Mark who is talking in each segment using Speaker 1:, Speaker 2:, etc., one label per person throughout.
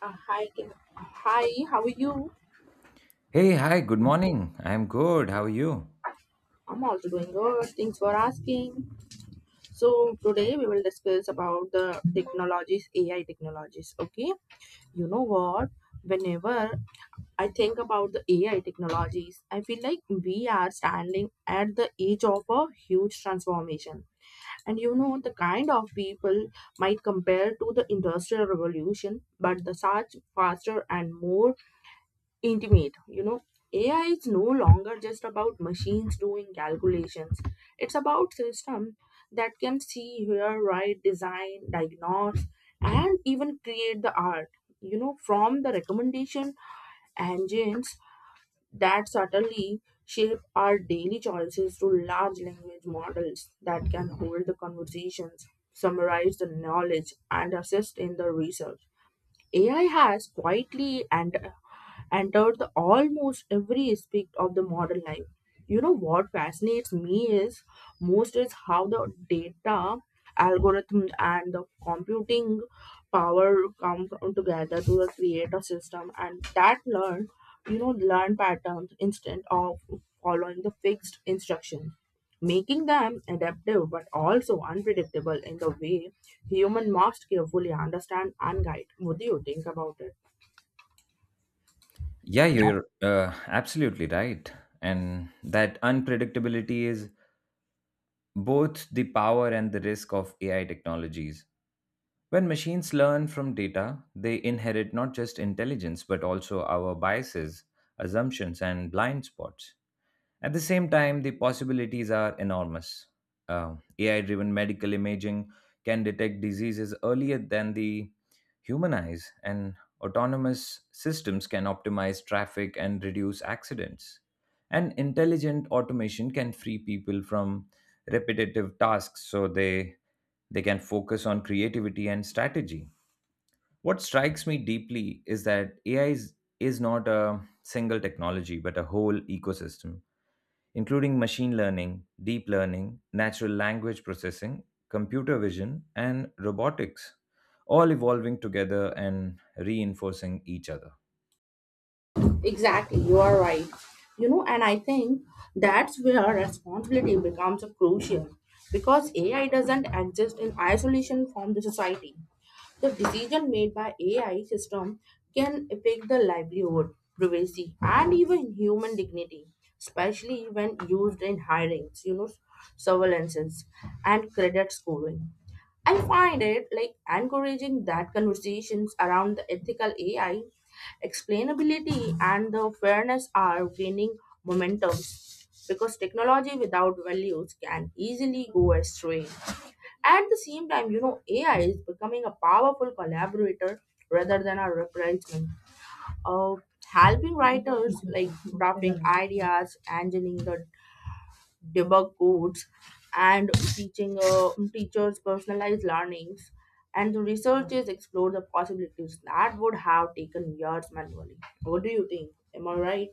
Speaker 1: Hi, Kim. Hi, how are you?
Speaker 2: Hey, hi, good morning. I'm good. How are you?
Speaker 1: I'm also doing good. Thanks for asking. So today we will discuss about the technologies, AI technologies. Okay, you know what? Whenever I think about the AI technologies, I feel like we are standing at the edge of a huge transformation. The kind of people might compare to the industrial revolution, but the such faster and more intimate. AI is no longer just about machines doing calculations. It's about system that can see, hear, write, design, diagnose, and even create the art. From the recommendation engines that subtly shape our daily choices to large language models that can hold the conversations, summarize the knowledge, and assist in the research, AI has quietly and entered the almost every aspect of the modern life. You know what fascinates me is most is how the data, algorithm, and the computing power come together to the create a system and that learn, learn patterns instead of following the fixed instructions, making them adaptive but also unpredictable in the way human must carefully understand and guide. What do you think about it?
Speaker 2: Yeah, you're absolutely right. And that unpredictability is both the power and the risk of AI technologies. When machines learn from data, they inherit not just intelligence, but also our biases, assumptions, and blind spots. At the same time, the possibilities are enormous. AI driven medical imaging can detect diseases earlier than the human eyes, and autonomous systems can optimize traffic and reduce accidents. And intelligent automation can free people from repetitive tasks so they can focus on creativity and strategy. What strikes me deeply is that AI is not a single technology but a whole ecosystem including machine learning, deep learning, natural language processing, computer vision, and robotics, all evolving together and reinforcing each other.
Speaker 1: Exactly, you are right. And I think that's where responsibility becomes crucial, because AI doesn't exist in isolation from the society. The decision made by AI system can affect the livelihood, privacy, and even human dignity, especially when used in hirings, surveillances, and credit scoring. I find it like encouraging that conversations around the ethical AI, explainability, and the fairness are gaining momentum, because technology without values can easily go astray. At the same time, AI is becoming a powerful collaborator rather than a replacement of, helping writers like drafting ideas, engineering the debug codes, and teaching teachers personalized learnings. And the researchers explore the possibilities that would have taken years manually. What do you think? Am I right?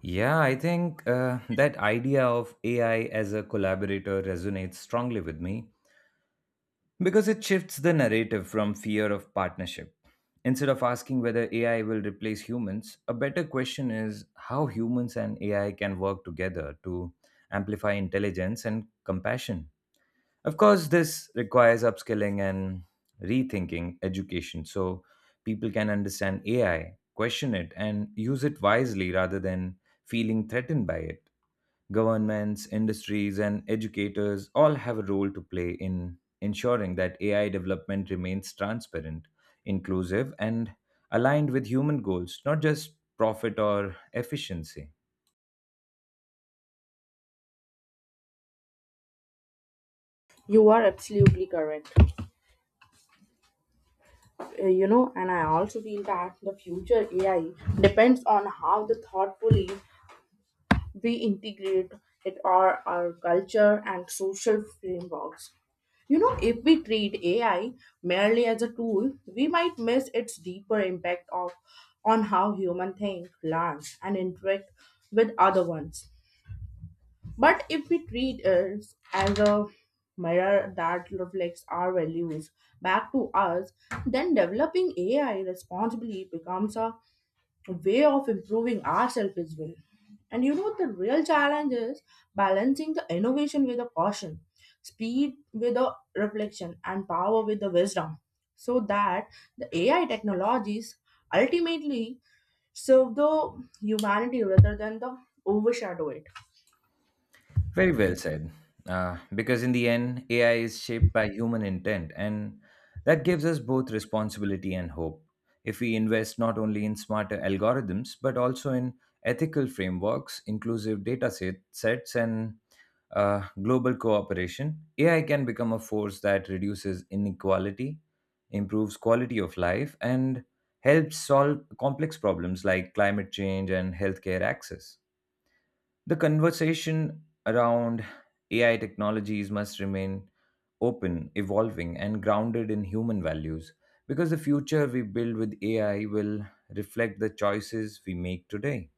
Speaker 2: Yeah, I think that idea of AI as a collaborator resonates strongly with me because it shifts the narrative from fear of partnership. Instead of asking whether AI will replace humans, a better question is how humans and AI can work together to amplify intelligence and compassion. Of course, this requires upskilling and rethinking education so people can understand AI, question it, and use it wisely rather than feeling threatened by it. Governments, industries, and educators all have a role to play in ensuring that AI development remains transparent, inclusive, and aligned with human goals, not just profit or efficiency.
Speaker 1: You are absolutely correct. And I also feel that the future AI depends on how the thoughtfully we integrate it our culture and social frameworks. If we treat AI merely as a tool, we might miss its deeper impact of on how human think, learn, and interact with other ones. But if we treat it as a mirror that reflects our values back to us, then developing AI responsibly becomes a way of improving ourselves as well. And the real challenge is balancing the innovation with the caution, speed with the reflection, and power with the wisdom, so that the AI technologies ultimately serve the humanity rather than the overshadow it.
Speaker 2: Very well said. Because in the end, AI is shaped by human intent, and that gives us both responsibility and hope. If we invest not only in smarter algorithms, but also in ethical frameworks, inclusive data set, sets, and global cooperation, AI can become a force that reduces inequality, improves quality of life, and helps solve complex problems like climate change and healthcare access. The conversation around AI technologies must remain open, evolving, and grounded in human values because the future we build with AI will reflect the choices we make today.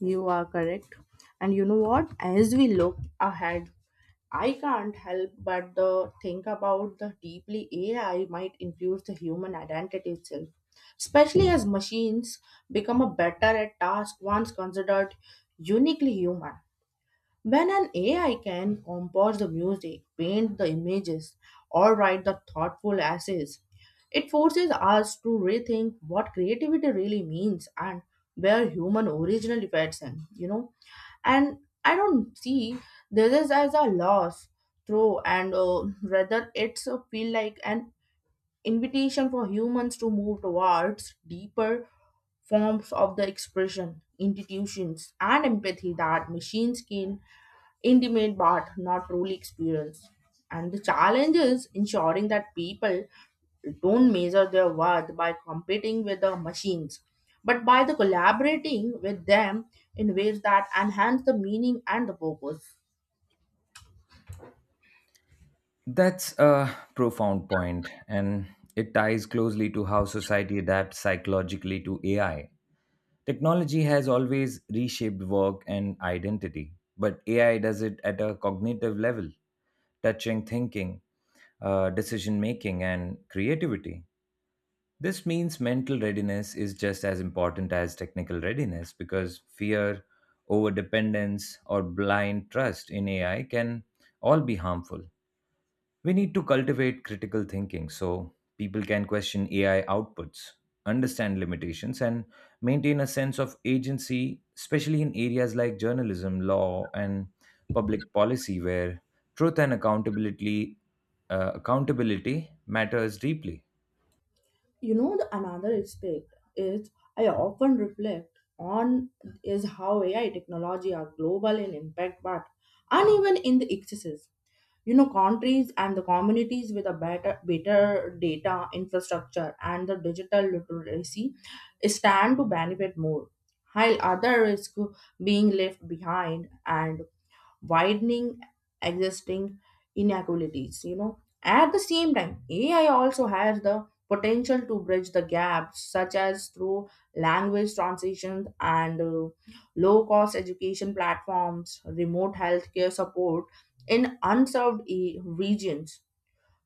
Speaker 1: You are correct. And you know what? As we look ahead, I can't help but the think about the deeply AI might influence the human identity itself, especially as machines become a better at task once considered uniquely human. When an AI can compose the music, paint the images, or write the thoughtful essays, it forces us to rethink what creativity really means and where human original fits in. And I don't see this is as a loss, throw, and rather it's a feel like an invitation for humans to move towards deeper forms of the expression, institutions, and empathy that machines can intimate but not truly experienced. And the challenge is ensuring that people don't measure their worth by competing with the machines, but by the collaborating with them in ways that enhance the meaning and the purpose.
Speaker 2: That's a profound point, and it ties closely to how society adapts psychologically to AI. Technology has always reshaped work and identity, but AI does it at a cognitive level, touching thinking, decision making, and creativity. This means mental readiness is just as important as technical readiness because fear, overdependence, or blind trust in AI can all be harmful. We need to cultivate critical thinking so people can question AI outputs, understand limitations, and maintain a sense of agency, especially in areas like journalism, law, and public policy, where truth and accountability matters deeply.
Speaker 1: You know, the another aspect is I often reflect on is how AI technology are global in impact, but uneven in the excesses. Countries and the communities with a better data infrastructure and the digital literacy stand to benefit more, while other risk being left behind and widening existing inequalities. At the same time, AI also has the potential to bridge the gaps, such as through language transitions and low cost education platforms, remote healthcare support in unserved regions.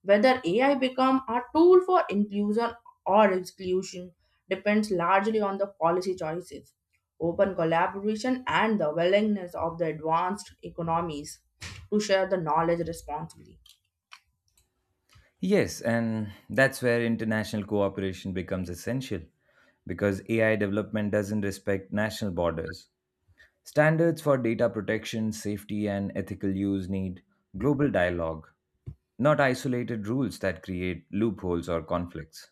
Speaker 1: Whether AI become a tool for inclusion or exclusion depends largely on the policy choices, open collaboration, and the willingness of the advanced economies to share the knowledge responsibly.
Speaker 2: Yes, and that's where international cooperation becomes essential because AI development doesn't respect national borders. Standards for data protection, safety, and ethical use need global dialogue, not isolated rules that create loopholes or conflicts.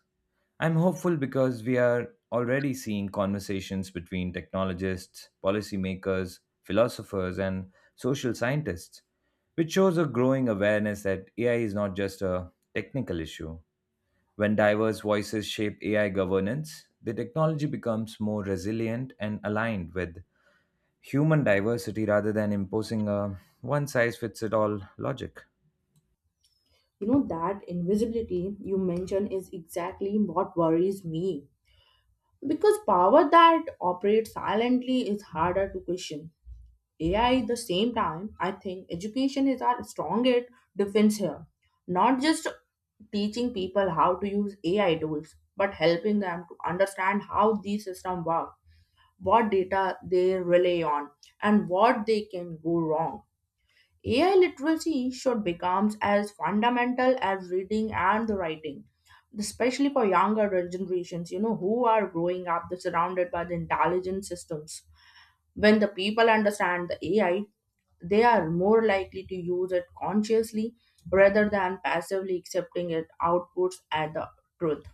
Speaker 2: I'm hopeful because we are already seeing conversations between technologists, policymakers, philosophers, and social scientists, which shows a growing awareness that AI is not just a technical issue. When diverse voices shape AI governance, the technology becomes more resilient and aligned with human diversity rather than imposing a one size fits it all logic.
Speaker 1: You know, that invisibility you mentioned is exactly what worries me. Because power that operates silently is harder to question. AI, at the same time, I think education is our strongest defense here. Not just teaching people how to use AI tools, but helping them to understand how these systems work, what data they rely on, and what they can go wrong. AI literacy should become as fundamental as reading and the writing, especially for younger generations, who are growing up they're surrounded by the intelligent systems. When the people understand the AI, they are more likely to use it consciously rather than passively accepting its outputs as the truth.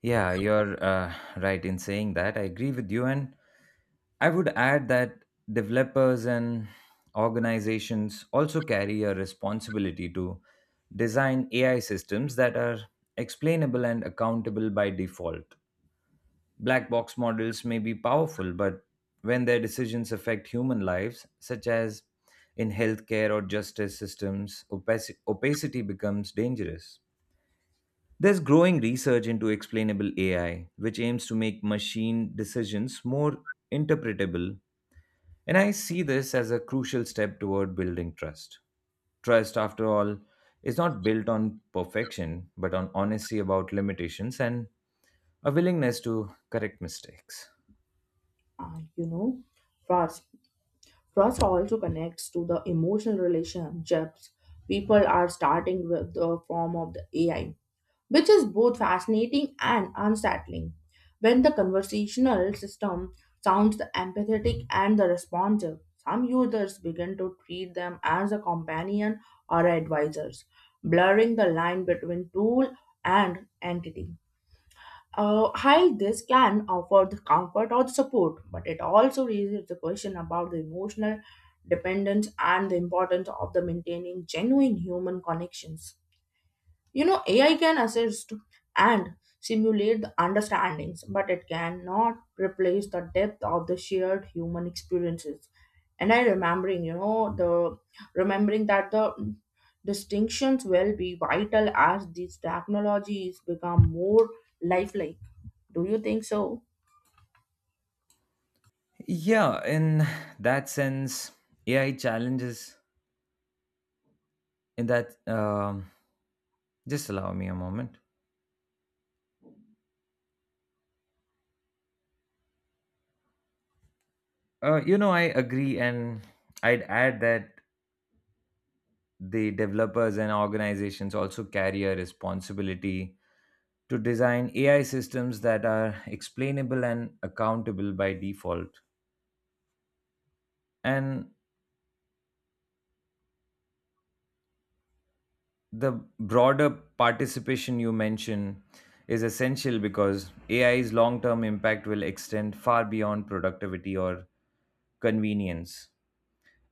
Speaker 2: Yeah, you're right in saying that. I agree with you. And I would add that developers and organizations also carry a responsibility to design AI systems that are explainable and accountable by default. Black box models may be powerful, but when their decisions affect human lives, such as in healthcare or justice systems, opacity becomes dangerous. There's growing research into explainable AI, which aims to make machine decisions more interpretable. And I see this as a crucial step toward building trust. Trust, after all, is not built on perfection, but on honesty about limitations and a willingness to correct mistakes.
Speaker 1: Uh, you know, Trust. Trust also connects to the emotional relationships people are starting with the form of the AI, which is both fascinating and unsettling. When the conversational system sounds the empathetic and the responsive, some users begin to treat them as a companion or advisors, blurring the line between tool and entity. While this can offer the comfort or the support, but it also raises the question about the emotional dependence and the importance of the maintaining genuine human connections. You know, AI can assist and simulate the understandings, but it cannot replace the depth of the shared human experiences. And I remembering, you know, the remembering that the distinctions will be vital as these technologies become more lifelike. Do you think so?
Speaker 2: Yeah, in that sense, AI challenges in that. Just allow me a moment. I agree, and I'd add that the developers and organizations also carry a responsibility to design AI systems that are explainable and accountable by default. And the broader participation you mention is essential because AI's long term impact will extend far beyond productivity or convenience.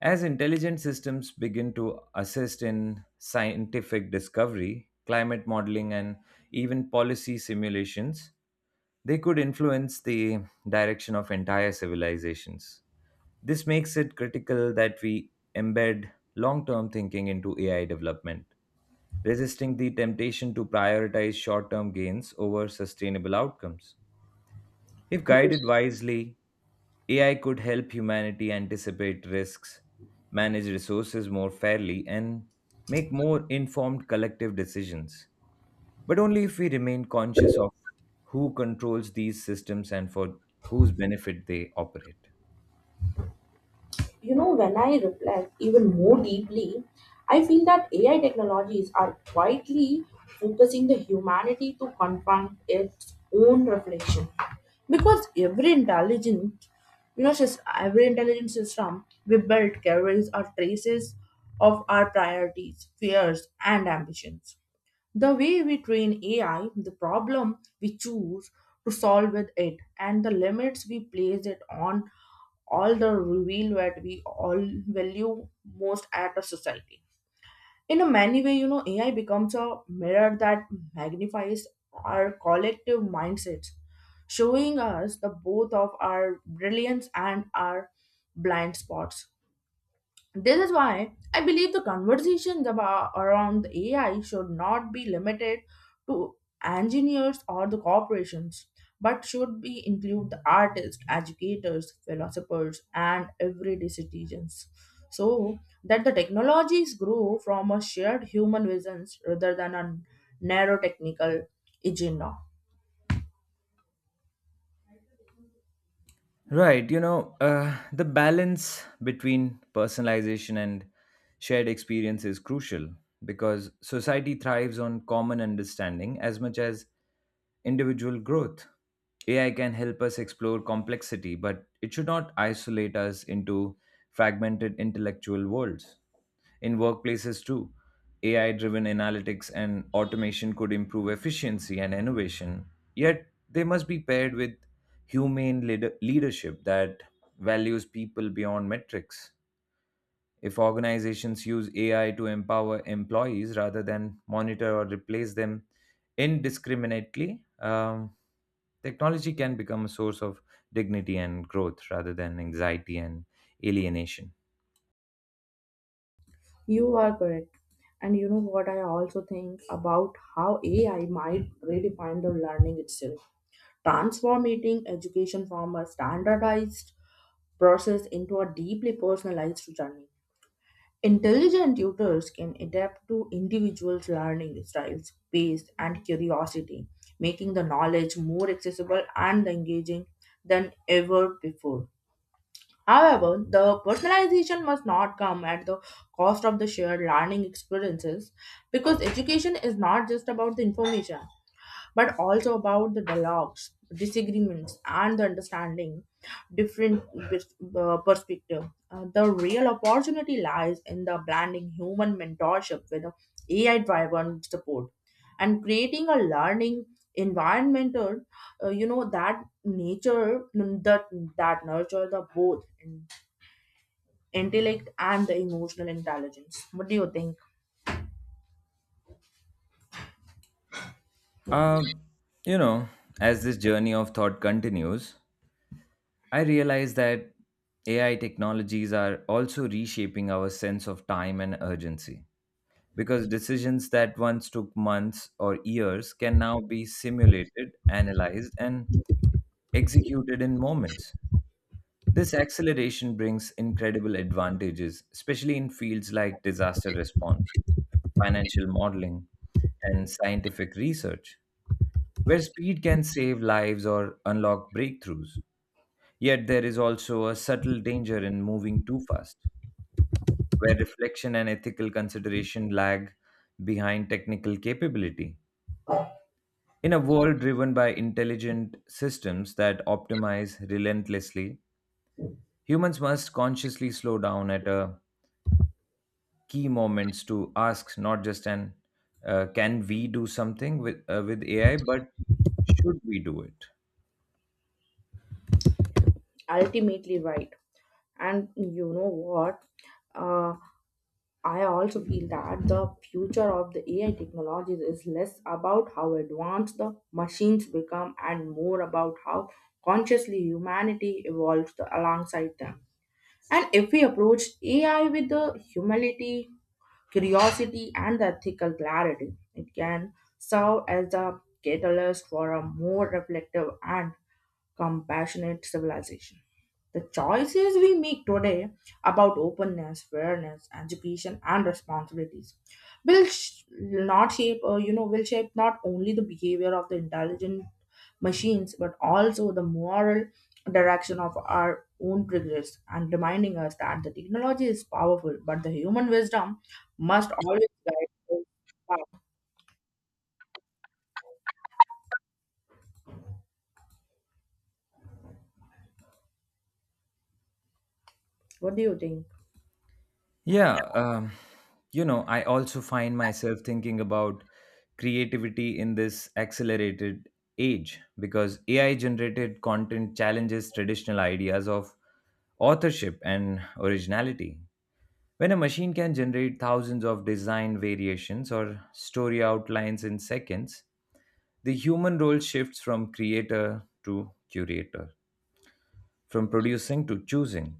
Speaker 2: As intelligent systems begin to assist in scientific discovery, climate modeling, and even policy simulations, they could influence the direction of entire civilizations. This makes it critical that we embed long term thinking into AI development, resisting the temptation to prioritize short term gains over sustainable outcomes. If guided wisely, AI could help humanity anticipate risks, manage resources more fairly, and make more informed collective decisions. But only if we remain conscious of who controls these systems and for whose benefit they operate.
Speaker 1: You know, when I reflect even more deeply, I feel that AI technologies are quietly focusing the humanity to confront its own reflection. Because every intelligent, every intelligent system we build carries our traces of our priorities, fears, and ambitions, the way we train AI, the problem we choose to solve with it, and the limits we place it on all the reveal that we all value most at a society. In a many way, AI becomes a mirror that magnifies our collective mindsets, showing us the both of our brilliance and our blind spots. This is why I believe the conversations about around the AI should not be limited to engineers or the corporations, but should be include the artists, educators, philosophers, and everyday citizens. So that the technologies grow from a shared human visions rather than a narrow technical agenda.
Speaker 2: Right, the balance between personalization and shared experience is crucial because society thrives on common understanding as much as individual growth. AI can help us explore complexity, but it should not isolate us into fragmented intellectual worlds. In workplaces, too, AI driven analytics and automation could improve efficiency and innovation, yet they must be paired with leadership that values people beyond metrics. If organizations use AI to empower employees rather than monitor or replace them indiscriminately, technology can become a source of dignity and growth rather than anxiety and alienation.
Speaker 1: You are correct. And you know what, I also think about how AI might redefine the learning itself, transforming education from a standardized process into a deeply personalized journey. Intelligent tutors can adapt to individuals' learning styles, pace, and curiosity, making the knowledge more accessible and engaging than ever before. However, the personalization must not come at the cost of the shared learning experiences, because education is not just about the information, but also about the dialogues, disagreements, and the understanding different perspective. The real opportunity lies in the blending human mentorship with AI driven support and creating a learning environment that nature that nurture the both intellect and the emotional intelligence. What do you think?
Speaker 2: Uh, you know, as this journey of thought continues, I realize that AI technologies are also reshaping our sense of time and urgency, because decisions that once took months or years can now be simulated, analyzed, and executed in moments. This acceleration brings incredible advantages, especially in fields like disaster response, financial modeling, and scientific research, where speed can save lives or unlock breakthroughs. Yet there is also a subtle danger in moving too fast, where reflection and ethical consideration lag behind technical capability. In a world driven by intelligent systems that optimize relentlessly, humans must consciously slow down at a key moments to ask not just an can we do something with AI, but should we do it?
Speaker 1: Ultimately right. And you know what uh, I also feel that the future of the AI technologies is less about how advanced the machines become and more about how consciously humanity evolves alongside them. And if we approach AI with the humility, curiosity, and the ethical clarity, it can serve as a catalyst for a more reflective and compassionate civilization. The choices we make today about openness, fairness, education, and responsibilities will sh- not shape, you know, will shape not only the behavior of the intelligent machines but also the moral direction of our own progress, and reminding us that the technology is powerful, but the human wisdom must always guide us. What do you think?
Speaker 2: Yeah, I also find myself thinking about creativity in this accelerated age because AI generated content challenges traditional ideas of authorship and originality. When a machine can generate thousands of design variations or story outlines in seconds, the human role shifts from creator to curator, from producing to choosing.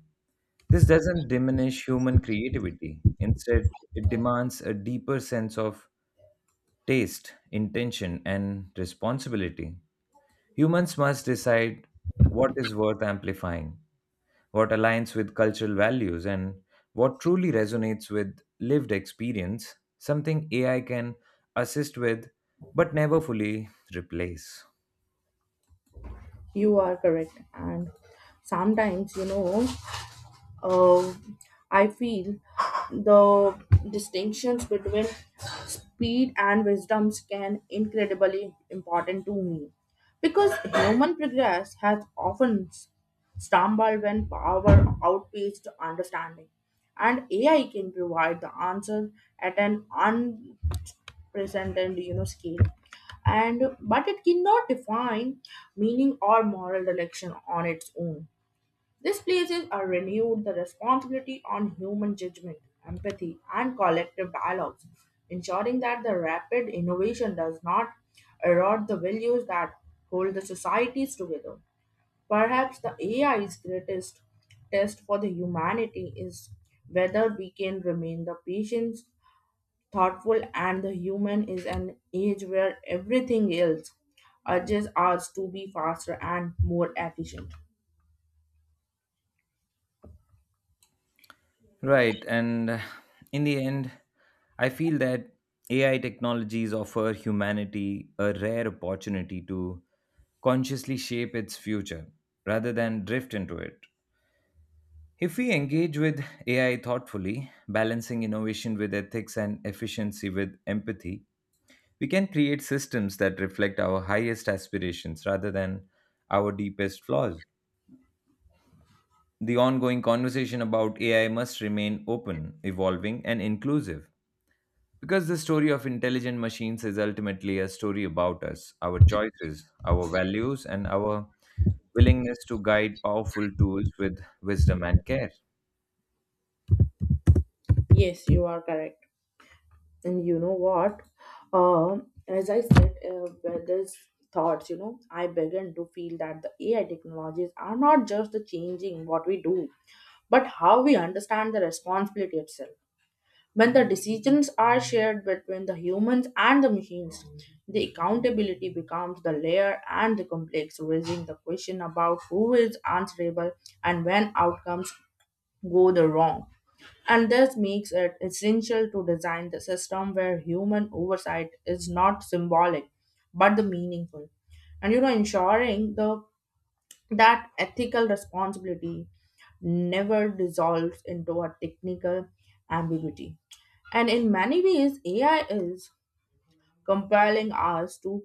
Speaker 2: This doesn't diminish human creativity. Instead, it demands a deeper sense of taste, intention, and responsibility. Humans must decide what is worth amplifying, what aligns with cultural values, and what truly resonates with lived experience, something AI can assist with but never fully replace.
Speaker 1: You are correct. And sometimes uh, I feel the distinctions between speed and wisdoms can incredibly important to me, because human progress has often stumbled when power outpaced understanding. And AI can provide the answer at an unprecedented, scale, and but it cannot define meaning or moral direction on its own. These places are renewed the responsibility on human judgment, empathy, and collective dialogues, ensuring that the rapid innovation does not erode the values that hold the societies together. Perhaps the AI's greatest test for the humanity is whether we can remain the patient, thoughtful, and the human is an age where everything else urges us to be faster and more efficient.
Speaker 2: Right, and in the end, I feel that AI technologies offer humanity a rare opportunity to consciously shape its future rather than drift into it. If we engage with AI thoughtfully, balancing innovation with ethics and efficiency with empathy, we can create systems that reflect our highest aspirations rather than our deepest flaws. The ongoing conversation about AI must remain open, evolving, and inclusive because the story of intelligent machines is ultimately a story about us, our choices, our values, and our willingness to guide powerful tools with wisdom and care.
Speaker 1: Yes, you are correct. And you know what? As I said, with these thoughts, I began to feel that the AI technologies are not just the changing what we do, but how we understand the responsibility itself. When the decisions are shared between the humans and the machines, the accountability becomes the layer and the complex, raising the question about who is answerable and when outcomes go the wrong. And this makes it essential to design the system where human oversight is not symbolic but the meaningful. Ensuring the that ethical responsibility never dissolves into a technical ambiguity. And in many ways, AI is compelling us to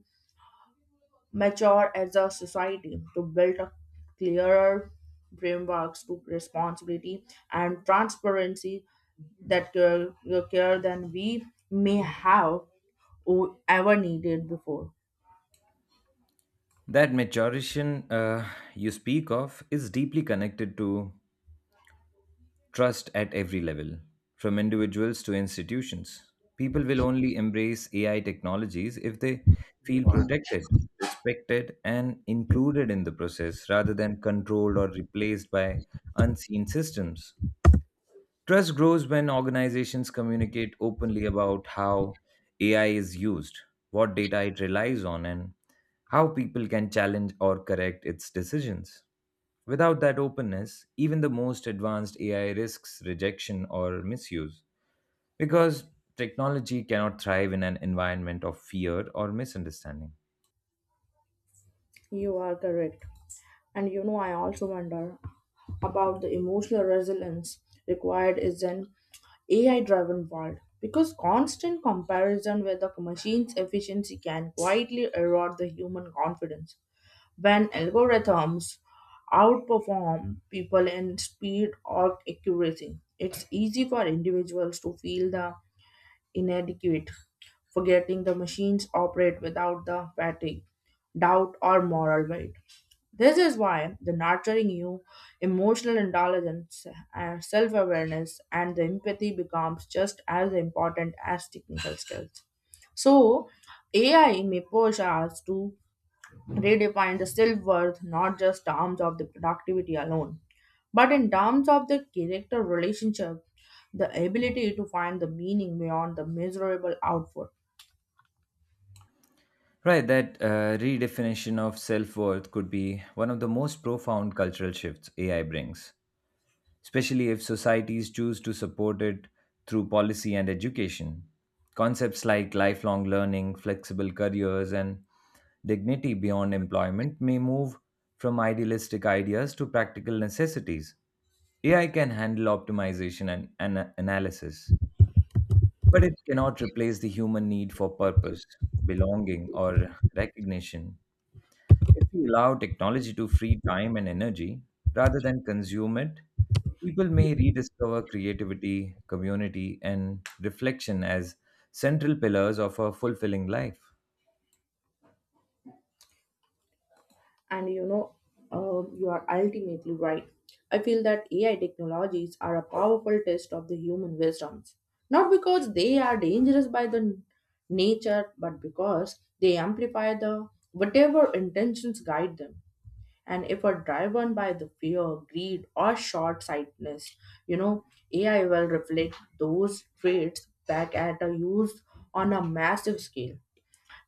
Speaker 1: mature as a society, to build a clearer frameworks to responsibility and transparency that care than we may have ever needed before.
Speaker 2: That maturation you speak of is deeply connected to trust at every level, from individuals to institutions. People will only embrace AI technologies if they feel protected, respected, and included in the process rather than controlled or replaced by unseen systems. Trust grows when organizations communicate openly about how AI is used, what data it relies on, and how people can challenge or correct its decisions. Without that openness, even the most advanced AI risks rejection or misuse because technology cannot thrive in an environment of fear or misunderstanding.
Speaker 1: You are correct. And you know, I also wonder about the emotional resilience required is an AI driven world because constant comparison with the machine's efficiency can quietly erode the human confidence. When algorithms outperform people in speed or accuracy, it's easy for individuals to feel the inadequate forgetting the machines operate without the fatigue, doubt, or moral weight. This is why the nurturing you emotional intelligence, self-awareness, and the empathy becomes just as important as technical skills. So, AI may push us to redefine the self-worth not just terms of the productivity alone, but in terms of the character relationship, the ability to find the meaning beyond the miserable output.
Speaker 2: Right, that redefinition of self worth could be one of the most profound cultural shifts AI brings, especially if societies choose to support it through policy and education. Concepts like lifelong learning, flexible careers, and dignity beyond employment may move from idealistic ideas to practical necessities. AI can handle optimization and analysis, but it cannot replace the human need for purpose, belonging, or recognition. If we allow technology to free time and energy rather than consume it, people may rediscover creativity, community, and reflection as central pillars of a fulfilling life.
Speaker 1: And you are ultimately right. I feel that AI technologies are a powerful test of the human wisdoms, not because they are dangerous by the nature, but because they amplify the whatever intentions guide them. And if are driven by the fear, greed or short-sightedness, you know AI will reflect those traits back at a use on a massive scale.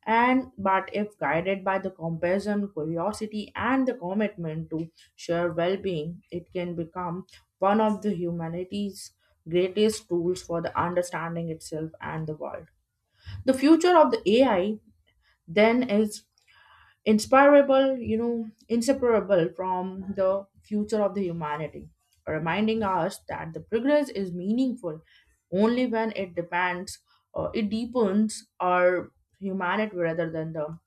Speaker 1: And but if guided by the compassion, curiosity and the commitment to share well-being, it can become one of the humanity's greatest tools for the understanding itself and the world. The future of the AI then is inspirable, inseparable from the future of the humanity, reminding us that the progress is meaningful only when it depends, it deepens our humanity rather than the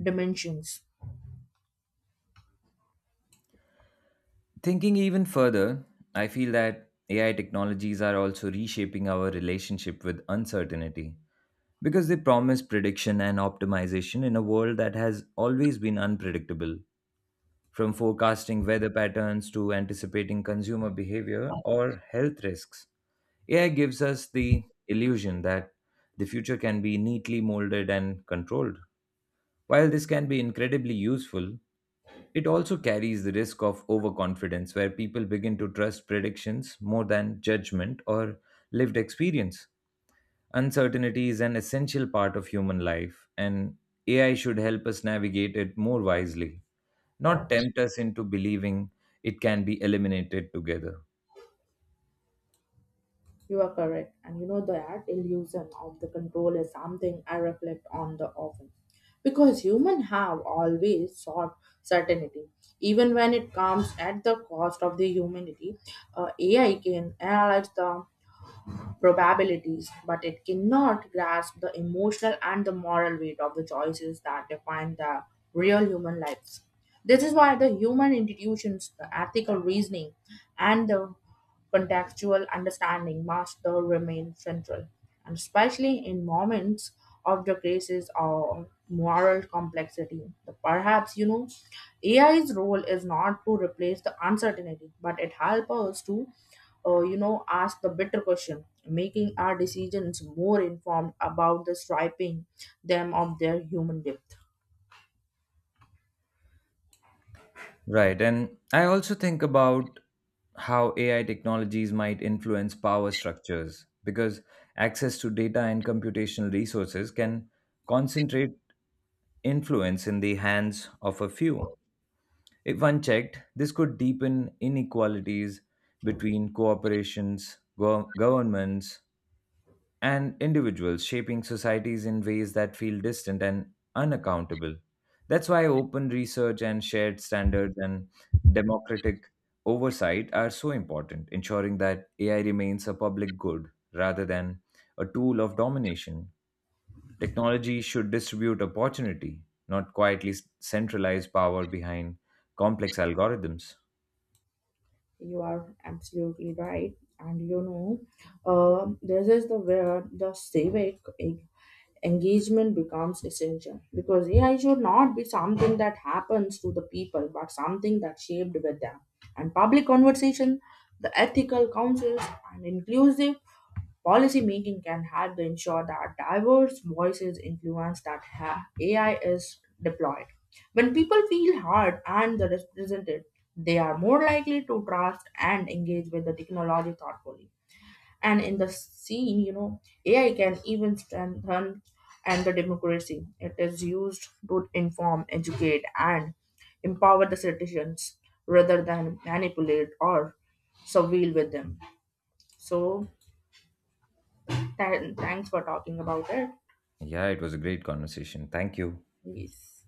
Speaker 1: dimensions.
Speaker 2: Thinking even further, I feel that AI technologies are also reshaping our relationship with uncertainty because they promise prediction and optimization in a world that has always been unpredictable, from forecasting weather patterns to anticipating consumer behavior or health risks. AI gives us the illusion that the future can be neatly molded and controlled. While this can be incredibly useful, it also carries the risk of overconfidence, where people begin to trust predictions more than judgment or lived experience. Uncertainty is an essential part of human life, and AI should help us navigate it more wisely, not tempt us into believing it can be eliminated together.
Speaker 1: You are correct. And you know that illusion of the control is something I reflect on the often. Because humans have always sought certainty. Even when it comes at the cost of the humanity, AI can analyze the probabilities, but it cannot grasp the emotional and the moral weight of the choices that define the real human lives. This is why the human institutions, the ethical reasoning, and the contextual understanding must remain central, and especially in moments of the crisis or moral complexity. Perhaps AI's role is not to replace the uncertainty, but it helps us to ask the better question, making our decisions more informed about the striping them of their human depth.
Speaker 2: Right. And I also think about how AI technologies might influence power structures because access to data and computational resources can concentrate influence in the hands of a few. If unchecked, this could deepen inequalities between corporations, governments, and individuals, shaping societies in ways that feel distant and unaccountable. That's why open research and shared standards and democratic oversight are so important, ensuring that AI remains a public good rather than a tool of domination. Technology should distribute opportunity, not quietly centralize power behind complex algorithms.
Speaker 1: You are absolutely right. And you know, this is the where the civic engagement becomes essential because AI should not be something that happens to the people, but something that shaped with them. And public conversation, the ethical councils, and inclusive policy making can help to ensure that diverse voices influence that AI is deployed. When people feel heard and they're represented, they are more likely to trust and engage with the technology thoughtfully. And in the scene, you know, AI can even strengthen and the democracy. It is used to inform, educate, and empower the citizens rather than manipulate or surveil with them. So, thanks for talking about it.
Speaker 2: Yeah, it was a great conversation. Thank you.
Speaker 1: Yes.